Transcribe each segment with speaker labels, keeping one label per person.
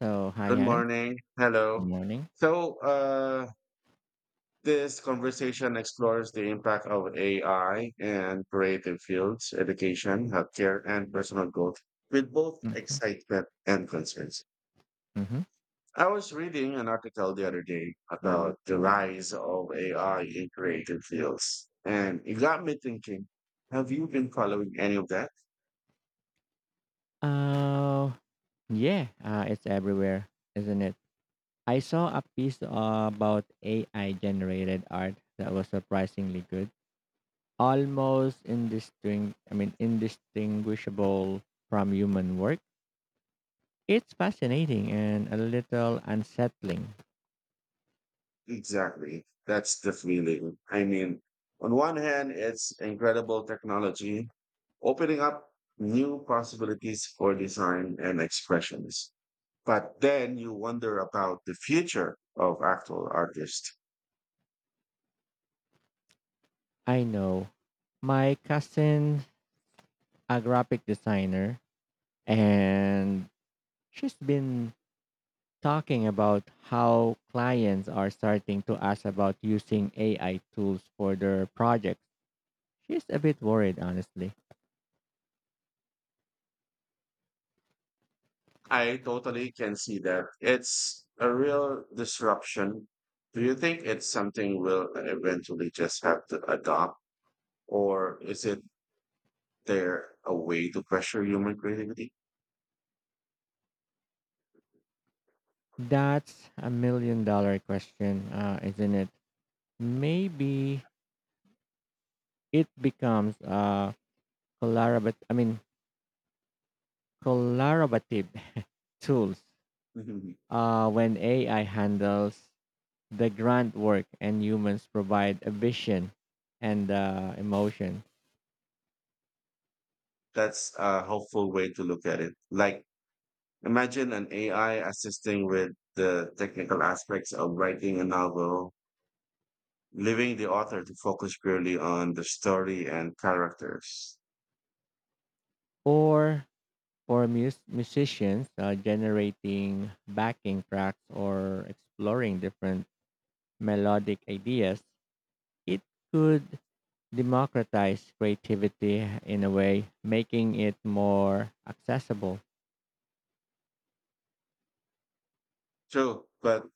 Speaker 1: So, hi,
Speaker 2: Good
Speaker 1: Hans.
Speaker 2: morning.
Speaker 1: Good
Speaker 2: Hello.
Speaker 1: morning.
Speaker 2: So, this conversation explores the impact of AI in creative fields, education, healthcare, and personal growth with both
Speaker 1: Mm-hmm.
Speaker 2: excitement and concerns.
Speaker 1: Mm-hmm.
Speaker 2: I was reading an article the other day about the rise of AI in creative fields, and it got me thinking, have you been following any of that?
Speaker 1: Uh, yeah, it's everywhere, isn't it? I saw a piece about AI generated art that was surprisingly good, almost indistinct. I mean, indistinguishable from human work. It's fascinating and a little unsettling.
Speaker 2: Exactly. That's the feeling. I mean, on one hand, it's incredible technology, opening up new possibilities for design and expressions. But then you wonder about the future of actual artists.
Speaker 1: I know. My cousin, a graphic designer, and she's been talking about how clients are starting to ask about using AI tools for their projects. She's a bit worried, honestly.
Speaker 2: I totally can see that. It's a real disruption. Do you think it's something we'll eventually just have to adopt, or is it there a way to pressure human creativity?
Speaker 1: That's a million dollar question, isn't it? Maybe it becomes a collaborative, I mean, collaborative tools
Speaker 2: Mhm.
Speaker 1: when AI handles the grunt work and humans provide a vision and emotion.
Speaker 2: That's a helpful way to look at it. Like, imagine an AI assisting with the technical aspects of writing a novel, leaving the author to focus purely on the story and characters.
Speaker 1: Or For musicians, generating backing tracks or exploring different melodic ideas, it could democratize creativity in a way, making it more accessible.
Speaker 2: True, but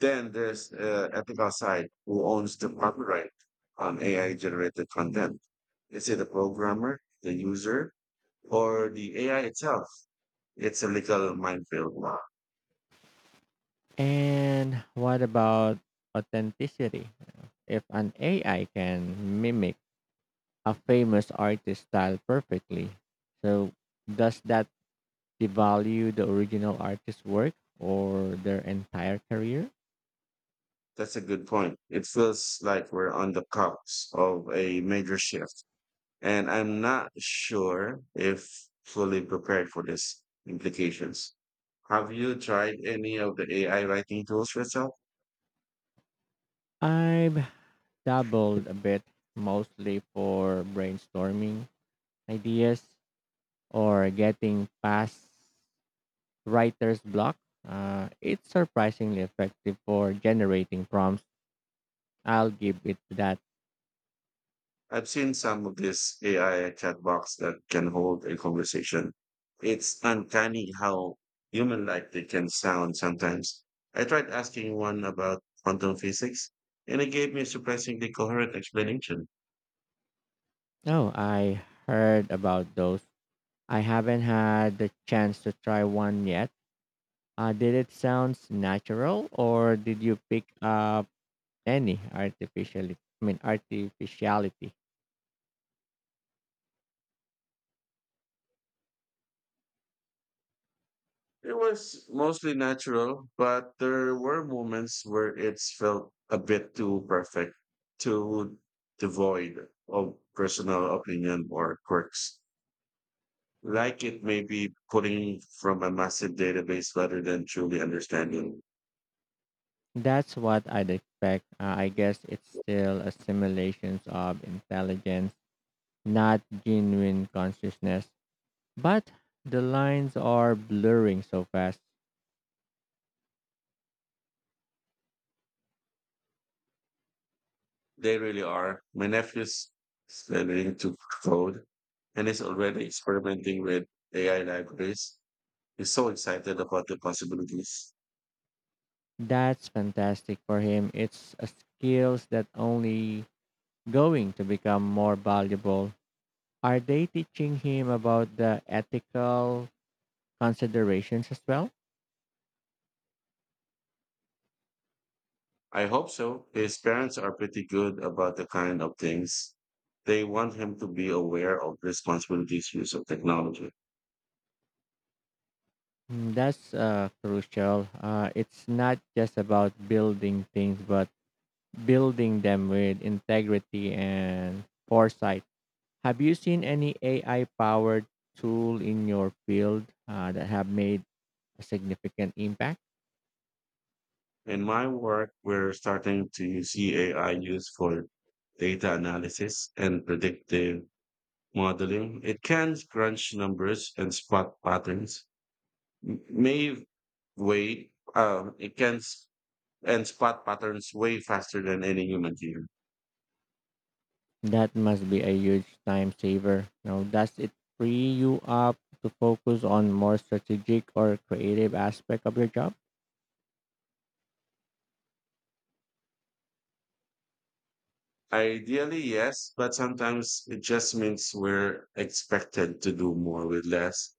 Speaker 2: then there's ethical side. Who owns the copyright on AI generated content? Is it the programmer, the user, or the AI itself? It's a legal minefield. Wow.
Speaker 1: And what about authenticity? If an AI can mimic a famous artist style perfectly, so does that devalue the original artist's work or their entire career?
Speaker 2: That's a good point. It feels like we're on the cusp of a major shift, and I'm not sure if fully prepared for this implications. Have you tried any of the AI writing tools yourself?
Speaker 1: I've dabbled a bit, mostly for brainstorming ideas or getting past writer's block. It's surprisingly effective for generating prompts. I'll give it that.
Speaker 2: I've seen some of these AI chatbots that can hold a conversation. It's uncanny how human-like they can sound sometimes. I tried asking one about quantum physics, and it gave me a surprisingly coherent explanation.
Speaker 1: Oh, I heard about those. I haven't had the chance to try one yet. Did it sound natural or did you pick up any artificially? I mean, artificiality?
Speaker 2: It was mostly natural, but there were moments where it felt a bit too perfect, too devoid of personal opinion or quirks. Like it may be pulling from a massive database rather than truly understanding.
Speaker 1: That's what I'd expect. I guess it's still a simulations of intelligence, not genuine consciousness. But the lines are blurring so fast.
Speaker 2: They really are. My nephew's learning to code and is already experimenting with AI libraries. He's so excited about the possibilities.
Speaker 1: That's fantastic for him. It's a skills that only going to become more valuable. Are they teaching him about the ethical considerations as well?
Speaker 2: I hope so. His parents are pretty good about the kind of things. They want him to be aware of responsibilities use of technology.
Speaker 1: That's crucial. It's not just about building things, but building them with integrity and foresight. Have you seen any AI powered tool in your field that have made a significant impact?
Speaker 2: In my work, we're starting to see AI used for data analysis and predictive modeling. It can crunch numbers and spot patterns. M- May way It can s- and spot patterns way faster than any human here.
Speaker 1: That must be a huge time saver. Now, does it free you up to focus on more strategic or creative aspect of your job?
Speaker 2: Ideally, yes, but sometimes it just means we're expected to do more with less.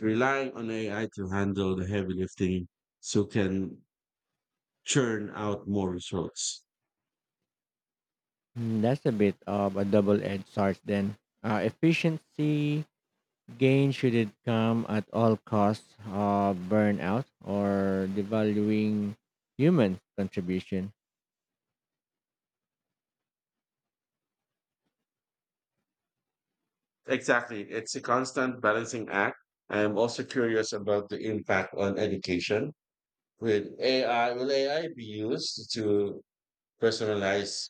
Speaker 2: Relying on AI to handle the heavy lifting so can churn out more results.
Speaker 1: That's a bit of a double-edged sword. Then, efficiency Gain shouldn't come at all costs of burnout or devaluing human contribution.
Speaker 2: Exactly. It's a constant balancing act. I am also curious about the impact on education. Will AI be used to personalize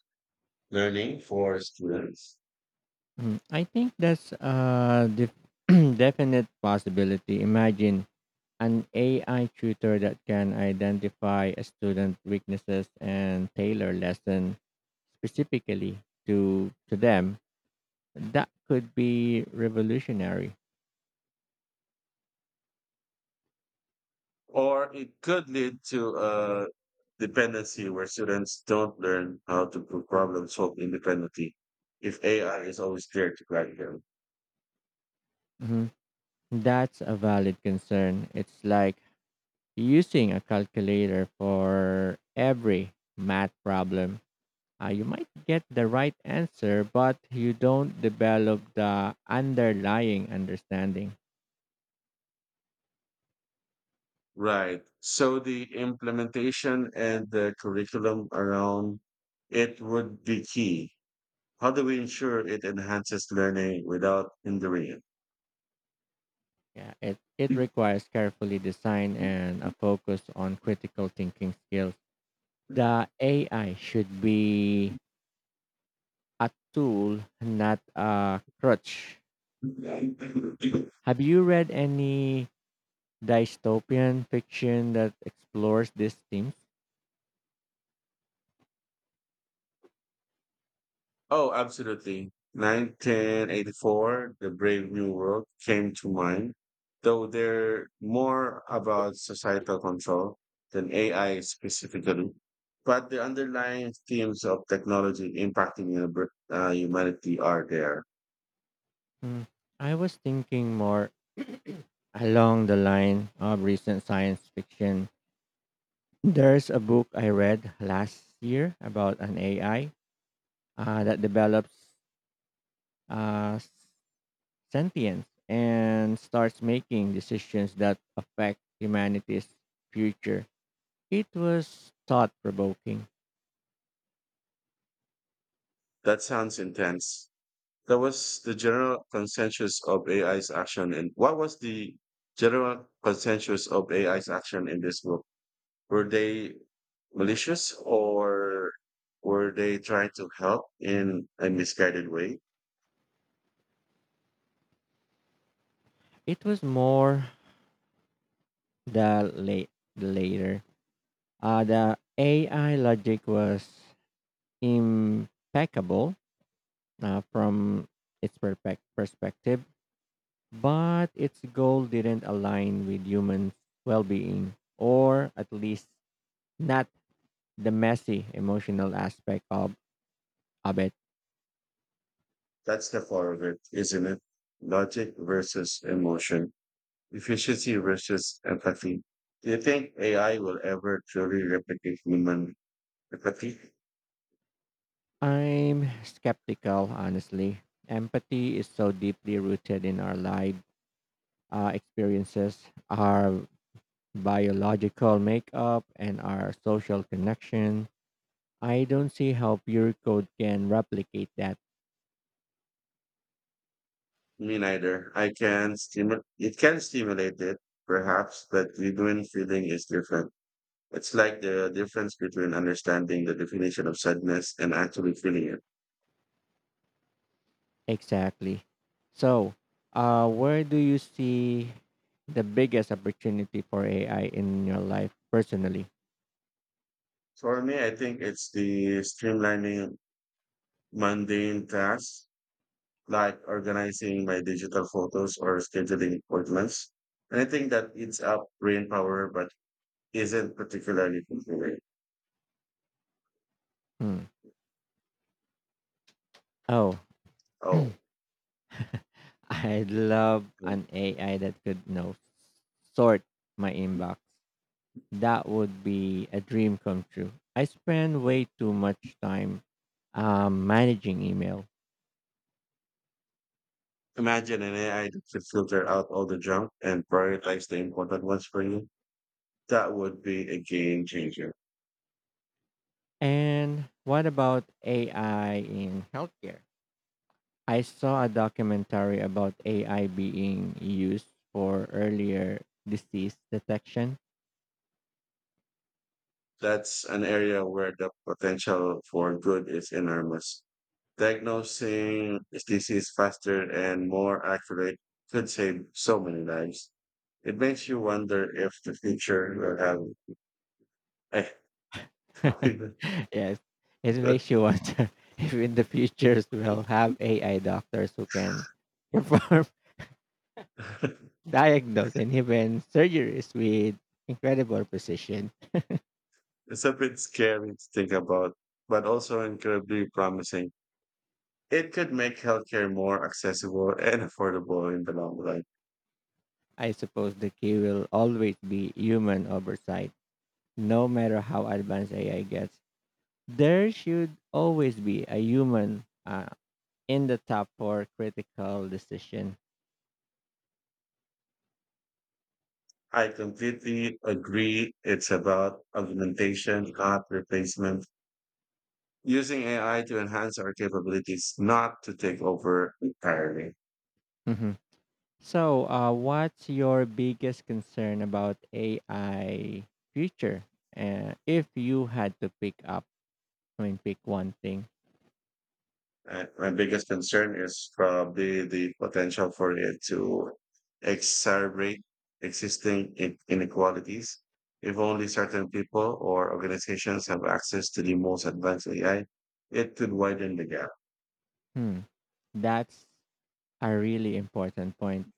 Speaker 2: learning for students,
Speaker 1: I think that's a def- definite possibility. Imagine an AI tutor that can identify a student weaknesses and tailor lesson specifically to them. That could be revolutionary.
Speaker 2: or it could lead to a dependency where students don't learn how to problem solve independently if AI is always there to guide them.
Speaker 1: Mhm. That's a valid concern. It's like using a calculator for every math problem. You might get the right answer, but you don't develop the underlying understanding.
Speaker 2: Right. So the implementation and the curriculum around it would be key. How do we ensure it enhances learning without hindering
Speaker 1: Yeah, it
Speaker 2: it?
Speaker 1: requires carefully design and a focus on critical thinking skills. The AI should be a tool, not a crutch. Have you read any dystopian fiction that explores these themes?
Speaker 2: Oh, absolutely. 1984, The Brave New World came to mind, though they're more about societal control than AI specifically. But the underlying themes of technology impacting humanity are there.
Speaker 1: Hmm, I was thinking more along the line of recent science fiction. There's a book I read last year about an AI that develops uh, sentience and starts making decisions that affect humanity's future. It was thought provoking.
Speaker 2: That sounds intense. That was the general consensus of AI's action. And what was the general consensus of AI's action in this book? Were they malicious or were they trying to help in a misguided way?
Speaker 1: It was more the late the later. The AI logic was impeccable from its perfect perspective, but its goal didn't align with human well-being, or at least not the messy emotional aspect of it.
Speaker 2: That's the core of it, isn't it? Logic versus emotion, efficiency versus empathy. Do you think AI will ever truly replicate human empathy?
Speaker 1: I'm skeptical, honestly. Empathy is so deeply rooted in our lives experiences, our biological makeup, and our social connection. I don't see how pure code can replicate that
Speaker 2: Me neither. I can stimul; It can stimulate it, perhaps, but genuine feeling is different. It's like the difference between understanding the definition of sadness and actually feeling it.
Speaker 1: exactly. So, where do you see the biggest opportunity for AI in your life personally?
Speaker 2: For me, I think it's the streamlining mundane tasks like organizing my digital photos or scheduling appointments. Anything that eats up brain power but isn't particularly fulfilling.
Speaker 1: Hmm. Oh,
Speaker 2: Oh,
Speaker 1: I'd love
Speaker 2: yeah.
Speaker 1: an AI that could sort my inbox that would be a dream come true. I spend way too much time managing email.
Speaker 2: Imagine an AI that could filter out all the junk and prioritize the important ones for you. That would be a game changer.
Speaker 1: And what about AI in healthcare? I saw a documentary about AI being used for earlier disease detection.
Speaker 2: That's an area where the potential for good is enormous. Diagnosing disease faster and more accurate could save so many lives. It makes you wonder if the future will have.
Speaker 1: Yes, it makes you wonder if in the future we'll have AI doctors who can perform diagnose and even surgeries with incredible precision.
Speaker 2: It's a bit scary to think about, but also incredibly promising. It could make healthcare more accessible and affordable in the long run.
Speaker 1: I suppose the key will always be human oversight. No matter how advanced AI gets, there should always be a human in the top for critical decision.
Speaker 2: I completely agree. It's about augmentation, not replacement. Using AI to enhance our capabilities, not to take over entirely.
Speaker 1: Mhm. So, what's your biggest concern about AI future? If you had to pick up, I mean, pick one thing.
Speaker 2: And my biggest concern is probably the potential for it to exacerbate existing inequalities. If only certain people or organizations have access to the most advanced AI, it could widen the gap.
Speaker 1: Hmm, that's a really important point.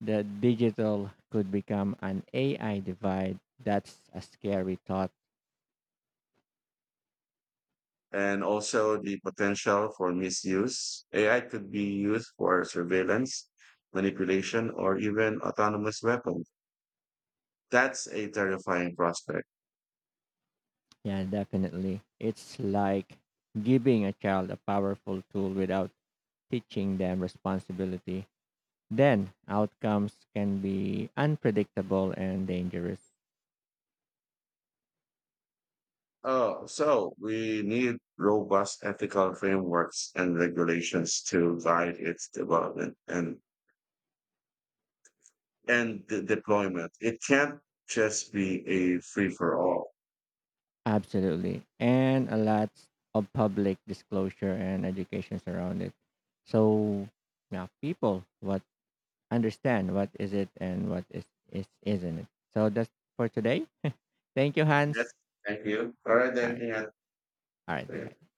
Speaker 1: That digital could become an AI divide. That's a scary thought.
Speaker 2: And also the potential for misuse. AI could be used for surveillance, manipulation, or even autonomous weapons. That's a terrifying prospect.
Speaker 1: Yeah, definitely. It's like giving a child a powerful tool without teaching them responsibility. Then outcomes can be unpredictable and dangerous.
Speaker 2: Oh, so we need robust ethical frameworks and regulations to guide its development and the deployment. It can't just be a free for all.
Speaker 1: Absolutely. And a lot of public disclosure and education around it. So now people what understand what is it and what is isn't it. So that's for today. Thank you,
Speaker 2: Yes,
Speaker 1: Hans.
Speaker 2: thank you. All right,
Speaker 1: All
Speaker 2: then.
Speaker 1: right. All right.
Speaker 2: Yeah.
Speaker 1: Bye.